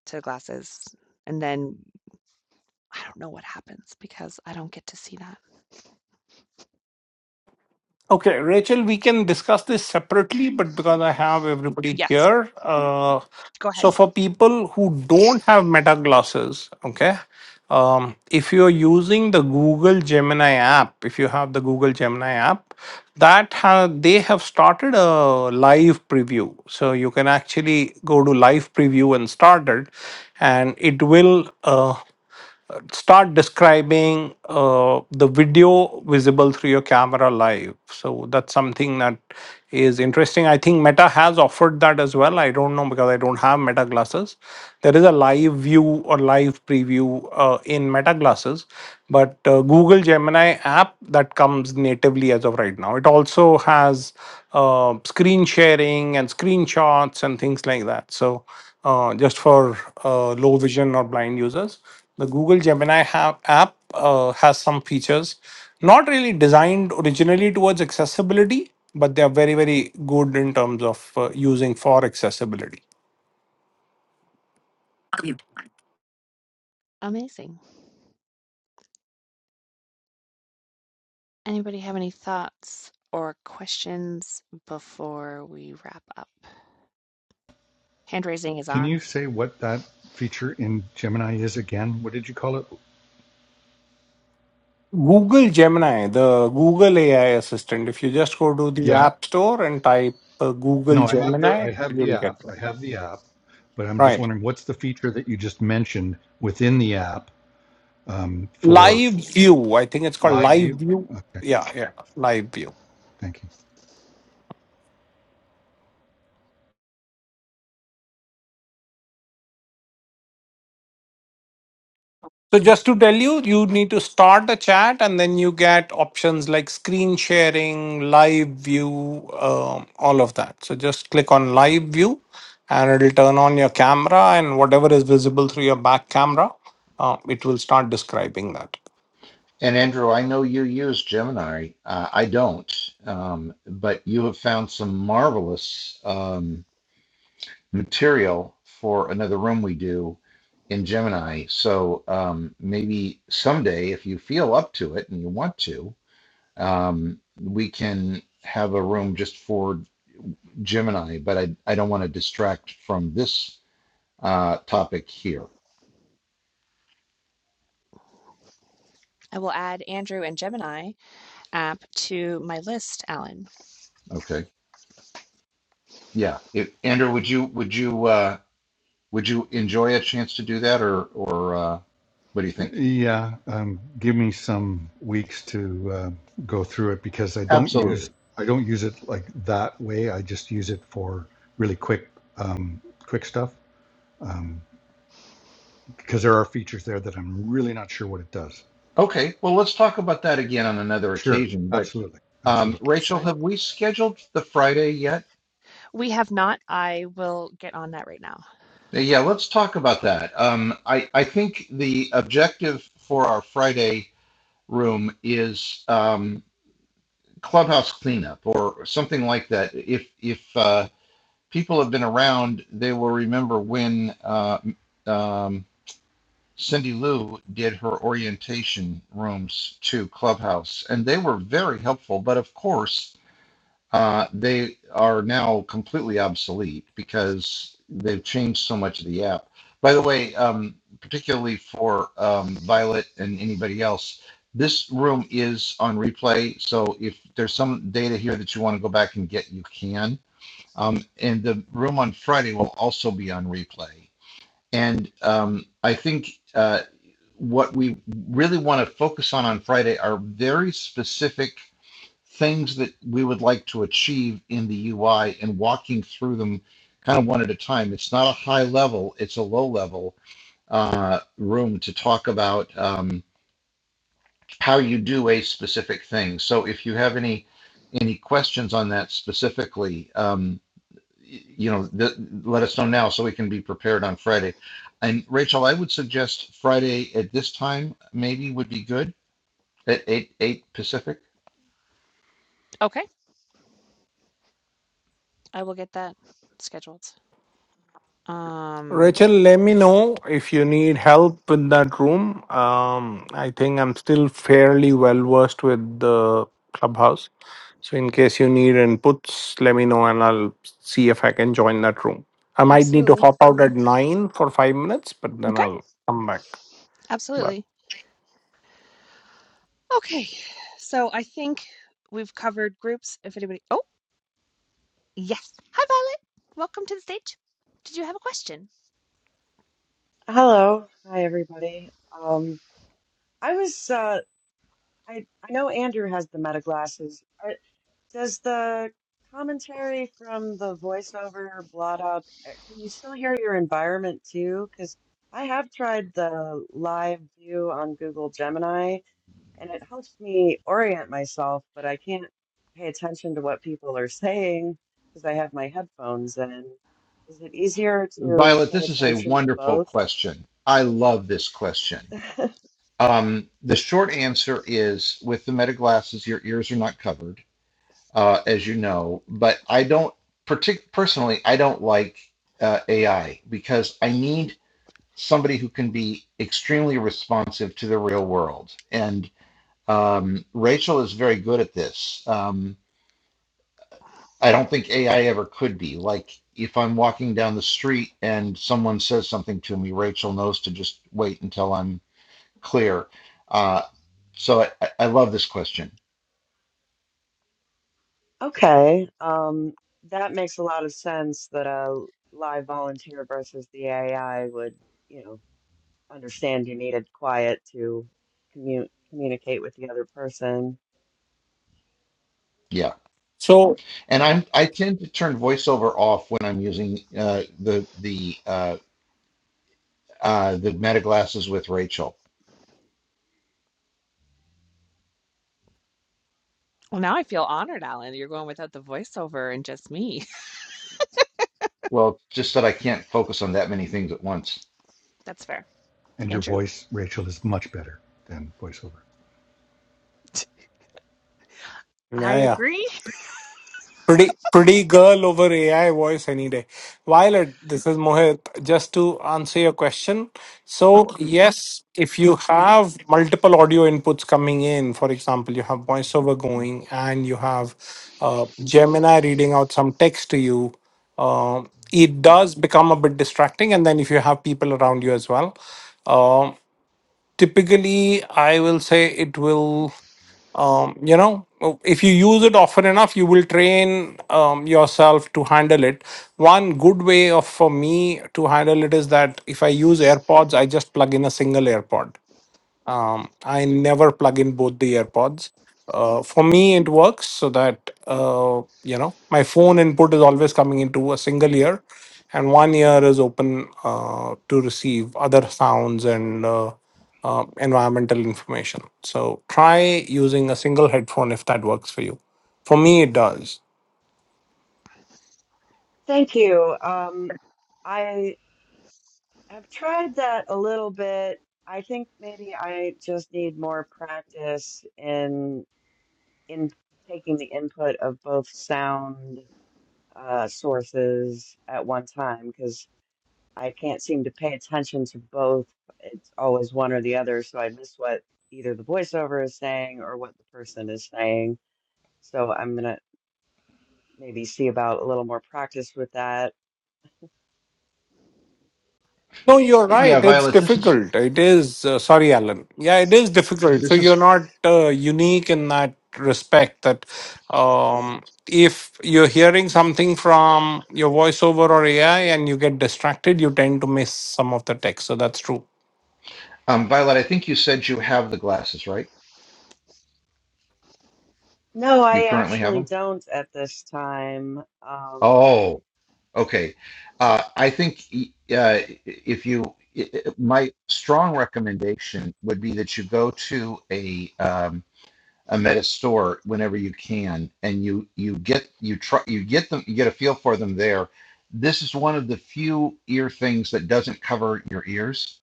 Speaker 1: to glasses and then I don't know what happens because I don't get to see that.
Speaker 2: Okay, Rachel, we can discuss this separately, but because I have everybody
Speaker 1: Yes.
Speaker 2: here, uh,
Speaker 1: Go ahead.
Speaker 2: so for people who don't have meta glasses, okay. um, if you're using the Google Gemini app, if you have the Google Gemini app, that ha- they have started a live preview. So you can actually go to live preview and start it, and it will uh, start describing uh, the video visible through your camera live. So that's something that is interesting. I think Meta has offered that as well. I don't know because I don't have Meta glasses. There is a live view or live preview uh, in Meta glasses, but uh, Google Gemini app that comes natively as of right now. It also has uh, screen sharing and screenshots and things like that. So uh, just for uh, low vision or blind users, the Google Gemini ha- app uh, has some features, not really designed originally towards accessibility, but they are very, very good in terms of uh, using for accessibility.
Speaker 1: Amazing. Anybody have any thoughts or questions before we wrap up? Hand raising is
Speaker 5: Can
Speaker 1: on.
Speaker 5: you say what that feature in Gemini is again? What did you call it?
Speaker 2: Google Gemini, the Google AI assistant, if you just go to the
Speaker 5: Yeah.
Speaker 2: App Store and type uh, Google
Speaker 5: No, I have the
Speaker 2: Gemini,
Speaker 5: I have the
Speaker 2: you'll get
Speaker 5: app. I
Speaker 2: that.
Speaker 5: have the app, but I'm just
Speaker 2: Right.
Speaker 5: wondering what's the feature that you just mentioned within the app um, for
Speaker 2: Live View, I think it's called
Speaker 5: live
Speaker 2: Live
Speaker 5: view.
Speaker 2: View.
Speaker 5: Okay.
Speaker 2: Yeah, yeah, Live View.
Speaker 5: Thank you.
Speaker 2: So just to tell you, you need to start the chat and then you get options like screen sharing, live view, um, all of that. So just click on live view and it'll turn on your camera and whatever is visible through your back camera, uh, it will start describing that.
Speaker 3: And Andrew, I know you use Gemini. Uh, I don't, um, but you have found some marvelous. Um, material for another room we do in Gemini. So um, maybe someday, if you feel up to it and you want to, um, we can have a room just for Gemini. But I, I don't want to distract from this uh, topic here.
Speaker 1: I will add Andrew and Gemini app to my list, Alan.
Speaker 3: Okay. Yeah. It, Andrew, would you would you uh, would you enjoy a chance to do that, or or uh, what do you think?
Speaker 5: Yeah, um, give me some weeks to uh, go through it because I don't
Speaker 3: Absolutely.
Speaker 5: use I don't use it like that way. I just use it for really quick um, quick stuff um, because there are features there that I'm really not sure what it does.
Speaker 3: Okay. Well, let's talk about that again on another
Speaker 5: Sure,
Speaker 3: occasion. But
Speaker 5: absolutely,
Speaker 3: Um,
Speaker 5: absolutely.
Speaker 3: Rachel,
Speaker 1: Excellent.
Speaker 3: have we scheduled the Friday yet?
Speaker 1: We have not. I will get on that right now.
Speaker 3: Yeah, let's talk about that. Um, I, I think the objective for our Friday room is um, clubhouse cleanup or something like that. If if uh, people have been around, they will remember when uh, um, Cindy Lou did her orientation rooms to Clubhouse, and they were very helpful. But of course, Uh, they are now completely obsolete because they've changed so much of the app. By the way, um, particularly for um, Violet and anybody else, this room is on replay. So if there's some data here that you want to go back and get, you can. Um, and the room on Friday will also be on replay. And um, I think uh, what we really want to focus on on Friday are very specific things that we would like to achieve in the UI and walking through them kind of one at a time. It's not a high level, it's a low level uh, room to talk about um, how you do a specific thing. So if you have any any questions on that specifically, um, you know, th- let us know now so we can be prepared on Friday. And Rachel, I would suggest Friday at this time maybe would be good at eight eight Pacific.
Speaker 1: Okay. I will get that scheduled. Um,
Speaker 2: Rachel, let me know if you need help in that room. Um, I think I'm still fairly well versed with the clubhouse. So in case you need inputs, let me know and I'll see if I can join that room. I might need to
Speaker 1: absolutely.
Speaker 2: hop out at nine for five minutes, but then
Speaker 1: Okay.
Speaker 2: I'll come back. But
Speaker 1: Absolutely. Okay, so I think we've covered groups. If anybody, oh, yes. Hi, Violet. Welcome to the stage. Did you have a question?
Speaker 6: Hello. Hi, everybody. Um, I was, uh, I, I know Andrew has the meta glasses. Are, does the commentary from the voiceover blot up? uh, Can you still hear your environment too? Because I have tried the live view on Google Gemini, and it helps me orient myself, but I can't pay attention to what people are saying because I have my headphones in. Is it easier to
Speaker 3: Violet,
Speaker 6: pay
Speaker 3: this is a
Speaker 6: attention to
Speaker 3: wonderful
Speaker 6: both?
Speaker 3: question. I love this question. Um, the short answer is with the meta glasses, your ears are not covered, uh, as you know. But I don't, partic- personally, I don't like uh, AI because I need somebody who can be extremely responsive to the real world. And um, Rachel is very good at this. Um, I don't think AI ever could be. Like, if I'm walking down the street and someone says something to me, Rachel knows to just wait until I'm clear. Uh, so I, I love this question.
Speaker 6: Okay, um, that makes a lot of sense that a live volunteer versus the AI would, you know, understand you needed quiet to commu communicate with the other person.
Speaker 3: Yeah,
Speaker 2: So
Speaker 3: and I'm I tend to turn voiceover off when I'm using uh, the the uh, uh, the meta glasses with Rachel.
Speaker 1: Well, now I feel honored, Alan. You're going without the voiceover and just me.
Speaker 3: Well, just that I can't focus on that many things at once.
Speaker 1: That's fair.
Speaker 5: And your
Speaker 1: Andrew?
Speaker 5: voice, Rachel, is much better than voiceover.
Speaker 1: I
Speaker 2: yeah, yeah.
Speaker 1: agree.
Speaker 2: Pretty, pretty girl over AI voice any day. Violet, this is Mohit. Just to answer your question, so Okay. yes, if you have multiple audio inputs coming in, for example, you have voiceover going and you have uh, Gemini reading out some text to you, um, it does become a bit distracting. And then if you have people around you as well. um, typically i will say it will um, you know if you use it often enough you will train um, yourself to handle it one good way of for me to handle it is that if i use airpods i just plug in a single airpod um, I never plug in both the AirPods. Uh, for me, it works so that uh, you know my phone input is always coming into a single ear, and one ear is open uh, to receive other sounds and uh, uh, environmental information. So try using a single headphone if that works for you. For me, it does.
Speaker 6: Thank you. Um, I have tried that a little bit. I think maybe I just need more practice in in taking the input of both sound uh, sources at one time, because I can't seem to pay attention to both. It's always one or the other, so I miss what either the voiceover is saying or what the person is saying. So I'm gonna maybe see about a little more practice with that.
Speaker 2: No, you're
Speaker 3: Yeah,
Speaker 2: right. It's
Speaker 3: Violet, this is
Speaker 2: difficult. It is, uh, sorry, Alan. Yeah, it is difficult. So
Speaker 3: this
Speaker 2: you're
Speaker 3: is
Speaker 2: not uh, unique in that respect that um, if you're hearing something from your voiceover or AI and you get distracted, you tend to miss some of the text. So that's true.
Speaker 3: um, Violet. I think you said you have the glasses, right?
Speaker 6: No,
Speaker 3: You
Speaker 6: I
Speaker 3: currently have
Speaker 6: actually
Speaker 3: them.
Speaker 6: don't at this time. Um,
Speaker 3: Oh, Okay. Uh, I think uh, if you, it, my strong recommendation would be that you go to a um, a meta store whenever you can, and you you get you try you get them you get a feel for them there. This is one of the few ear things that doesn't cover your ears.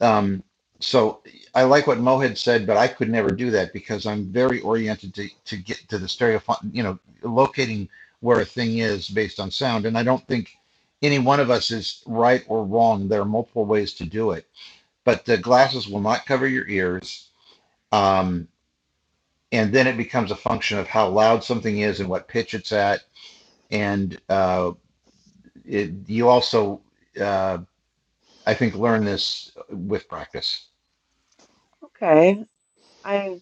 Speaker 3: Um, so I like what Mo had said, but I could never do that because I'm very oriented to, to get to the stereo, you know, locating where a thing is based on sound. And I don't think any one of us is right or wrong. There are multiple ways to do it, but the glasses will not cover your ears. Um, and then it becomes a function of how loud something is and what pitch it's at. And uh, it, you also, uh, I think, learn this with practice
Speaker 6: okay, I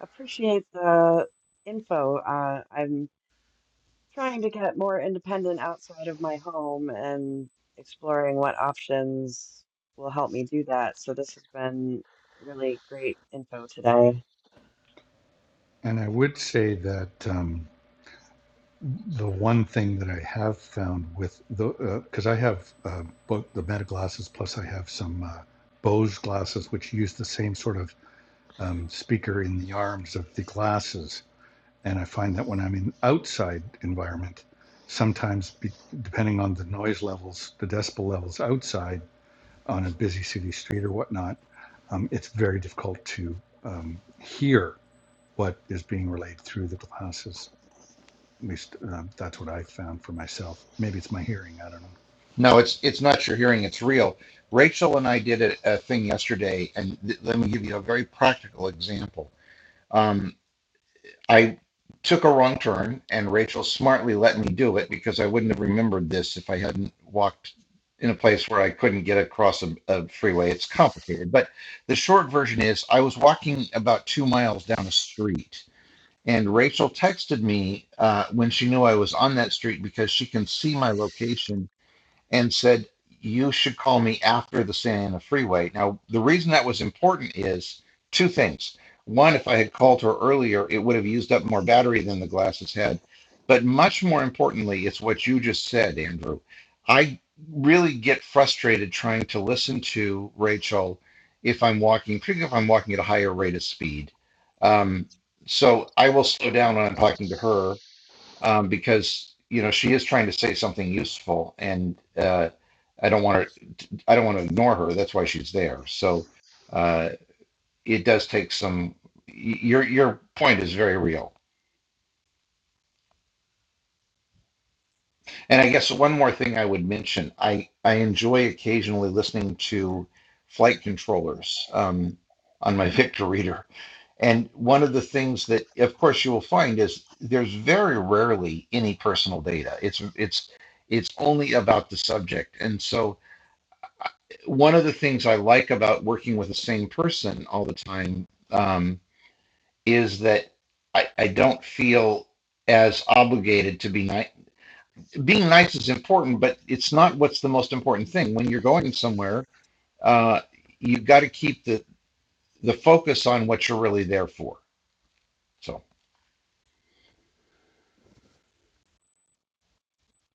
Speaker 6: appreciate the info. Uh, I'm trying to get more independent outside of my home and exploring what options will help me do that. So this has been really great info today.
Speaker 5: And I would say that. Um, the one thing that I have found with the because uh, I have uh, both the Meta glasses plus I have some uh, Bose glasses which use the same sort of um, speaker in the arms of the glasses, and I find that when I'm in outside environment, sometimes be, depending on the noise levels, the decibel levels outside on a busy city street or whatnot, um, it's very difficult to um, hear what is being relayed through the glasses. At least um, that's what I found for myself. Maybe it's my hearing. I don't know.
Speaker 3: No, it's it's not your hearing. It's real. Rachel and I did a, a thing yesterday, and th- let me give you a very practical example. Um, I took a wrong turn, and Rachel smartly let me do it because I wouldn't have remembered this if I hadn't walked in a place where I couldn't get across a, a freeway. It's complicated, but the short version is I was walking about two miles down a street, and Rachel texted me uh, when she knew I was on that street because she can see my location and said, You should call me after the Santa Ana Freeway. Now, the reason that was important is two things. One, if I had called her earlier, it would have used up more battery than the glasses had. But much more importantly, it's what you just said, Andrew. I really get frustrated trying to listen to Rachel if I'm walking, particularly if I'm walking at a higher rate of speed. Um, so I will slow down when I'm talking to her um, because you know she is trying to say something useful, and uh, I don't want to I don't want to ignore her. That's why she's there. So uh, it does take some. Your your point is very real. And I guess one more thing I would mention, I I enjoy occasionally listening to flight controllers um, on my Victor reader, and one of the things that, of course, you will find is there's very rarely any personal data. It's it's it's only about the subject, and so one of the things I like about working with the same person all the time um, is that I, I don't feel as obligated to be nice. Being nice is important, but it's not what's the most important thing. When you're going somewhere, uh, you've got to keep the, the focus on what you're really there for. So,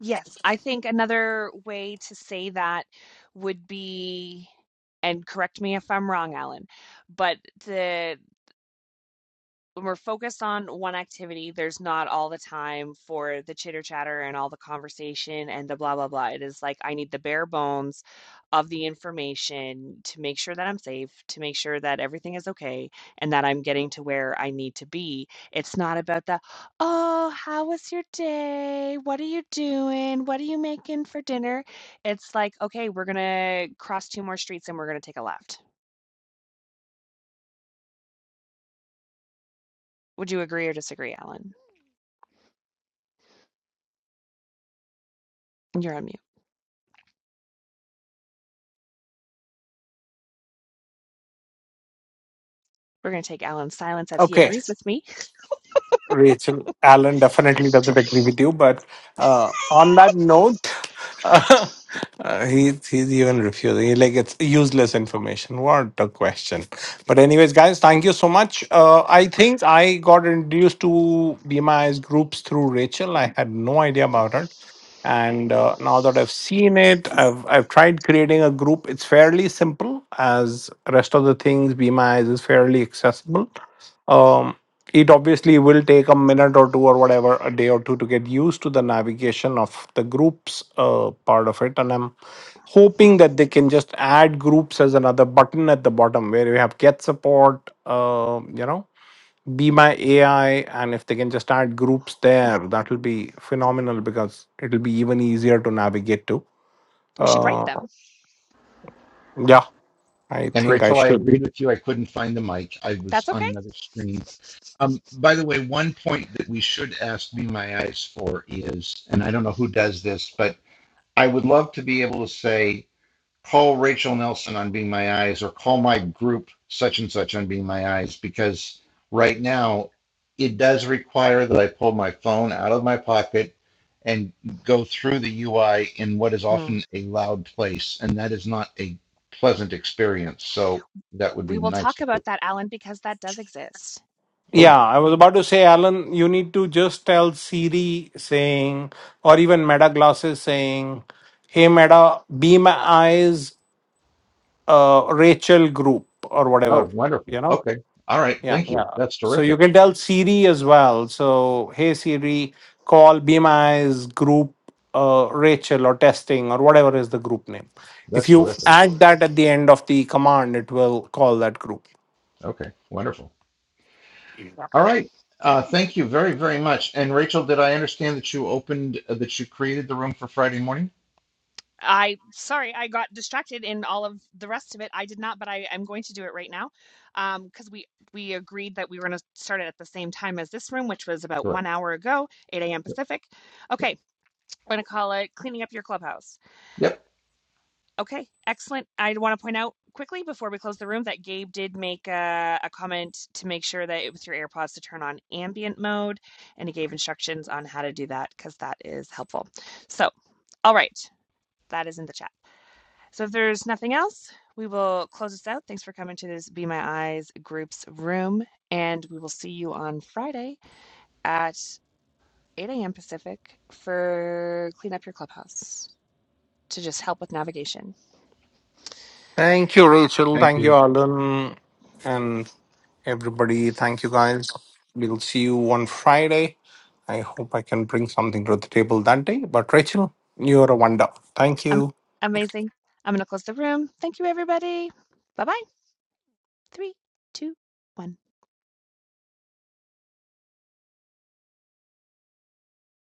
Speaker 1: Yes, I think another way to say that would be, and correct me if I'm wrong, Alan, but the when we're focused on one activity, there's not all the time for the chitter chatter and all the conversation and the blah, blah, blah. It is like I need the bare bones of the information to make sure that I'm safe, to make sure that everything is okay, and that I'm getting to where I need to be. It's not about the, oh, how was your day? What are you doing? What are you making for dinner? It's like, okay, we're going to cross two more streets and we're going to take a left. Would you agree or disagree, Alan? You're on mute. We're going to take Alan's silence as he
Speaker 2: Okay.
Speaker 1: agrees with me.
Speaker 2: Rachel Allen definitely doesn't agree with you, but uh, on that note, uh, he he's even refusing. He, like it's useless information. What a question! But anyways, guys, thank you so much. Uh, I think I got introduced to BMI's groups through Rachel. I had no idea about it, and uh, now that I've seen it, I've I've tried creating a group. It's fairly simple, as rest of the things BMI is fairly accessible. Um, it obviously will take a minute or two or whatever a day or two to get used to the navigation of the groups uh, part of it and i'm hoping that they can just add groups as another button at the bottom where we have get support uh, you know be my ai and if they can just add groups there that will be phenomenal because it'll be even easier to navigate to
Speaker 1: we should write
Speaker 2: uh,
Speaker 1: them.
Speaker 2: yeah i
Speaker 3: and
Speaker 2: think i
Speaker 3: Rachel, I
Speaker 2: should
Speaker 3: agreed with you. I couldn't find the mic. I was
Speaker 1: That's
Speaker 3: on
Speaker 1: okay.
Speaker 3: another screen. Um, by the way, one point that we should ask Be My Eyes for is, and I don't know who does this, but I would love to be able to say, call Rachel Nelson on Being My Eyes or call my group such and such on Being My Eyes because right now it does require that I pull my phone out of my pocket and go through the UI in what is
Speaker 1: Mm.
Speaker 3: often a loud place. And that is not a pleasant experience. So that would
Speaker 1: We
Speaker 3: be
Speaker 1: will
Speaker 3: nice
Speaker 1: talk
Speaker 3: to fix.
Speaker 1: about that, Alan, because that does exist.
Speaker 3: Oh,
Speaker 2: Yeah, I was about to say, Alan, you need to just tell Siri saying, or even Meta Glasses saying, "Hey Meta, be my eyes, uh, Rachel Group or
Speaker 3: oh,
Speaker 2: whatever." You
Speaker 3: wonderful.
Speaker 2: know?
Speaker 3: Okay. All right.
Speaker 2: Yeah,
Speaker 3: Thank you.
Speaker 2: yeah.
Speaker 3: That's
Speaker 2: So you
Speaker 3: terrific.
Speaker 2: can tell Siri as well. So, hey Siri, call Be My Eyes Group uh, Rachel or testing or whatever is the group name. If
Speaker 3: That's
Speaker 2: you
Speaker 3: terrific.
Speaker 2: add that at the end of the command, it will call that group.
Speaker 3: Okay. Wonderful. All right. Uh, thank you very, very much. And Rachel, did I understand that you opened, uh, that you created the room for Friday morning?
Speaker 1: I sorry, I got distracted in all of the rest of it. I did not, but I am going to do it right now. Um, because we we agreed that we were gonna start it at the same time as this room, which was about
Speaker 3: Correct.
Speaker 1: one hour ago, 8 a.m. Pacific. Okay, we're gonna call it cleaning up your clubhouse.
Speaker 3: Yep.
Speaker 1: Okay, excellent. I want to point out quickly before we close the room that Gabe did make a, a comment to make sure that it was your AirPods to turn on ambient mode, and he gave instructions on how to do that because that is helpful. So, all right, that is in the chat. So if there's nothing else, we will close this out. Thanks for coming to this Be My Eyes group's room, and we will see you on Friday at 8 a.m. Pacific for Clean Up Your Clubhouse to just help with navigation.
Speaker 2: Thank you, Rachel.
Speaker 5: Thank
Speaker 2: Thank
Speaker 5: you.
Speaker 2: you, Alan. and. everybody. Thank you guys. We'll see you on Friday. I hope I can bring something to the table that day. But Rachel, you're a wonder. Thank
Speaker 1: Um,
Speaker 2: you.
Speaker 1: amazing. I'm going to close the room. Thank you, everybody. Bye bye. Three, two, one.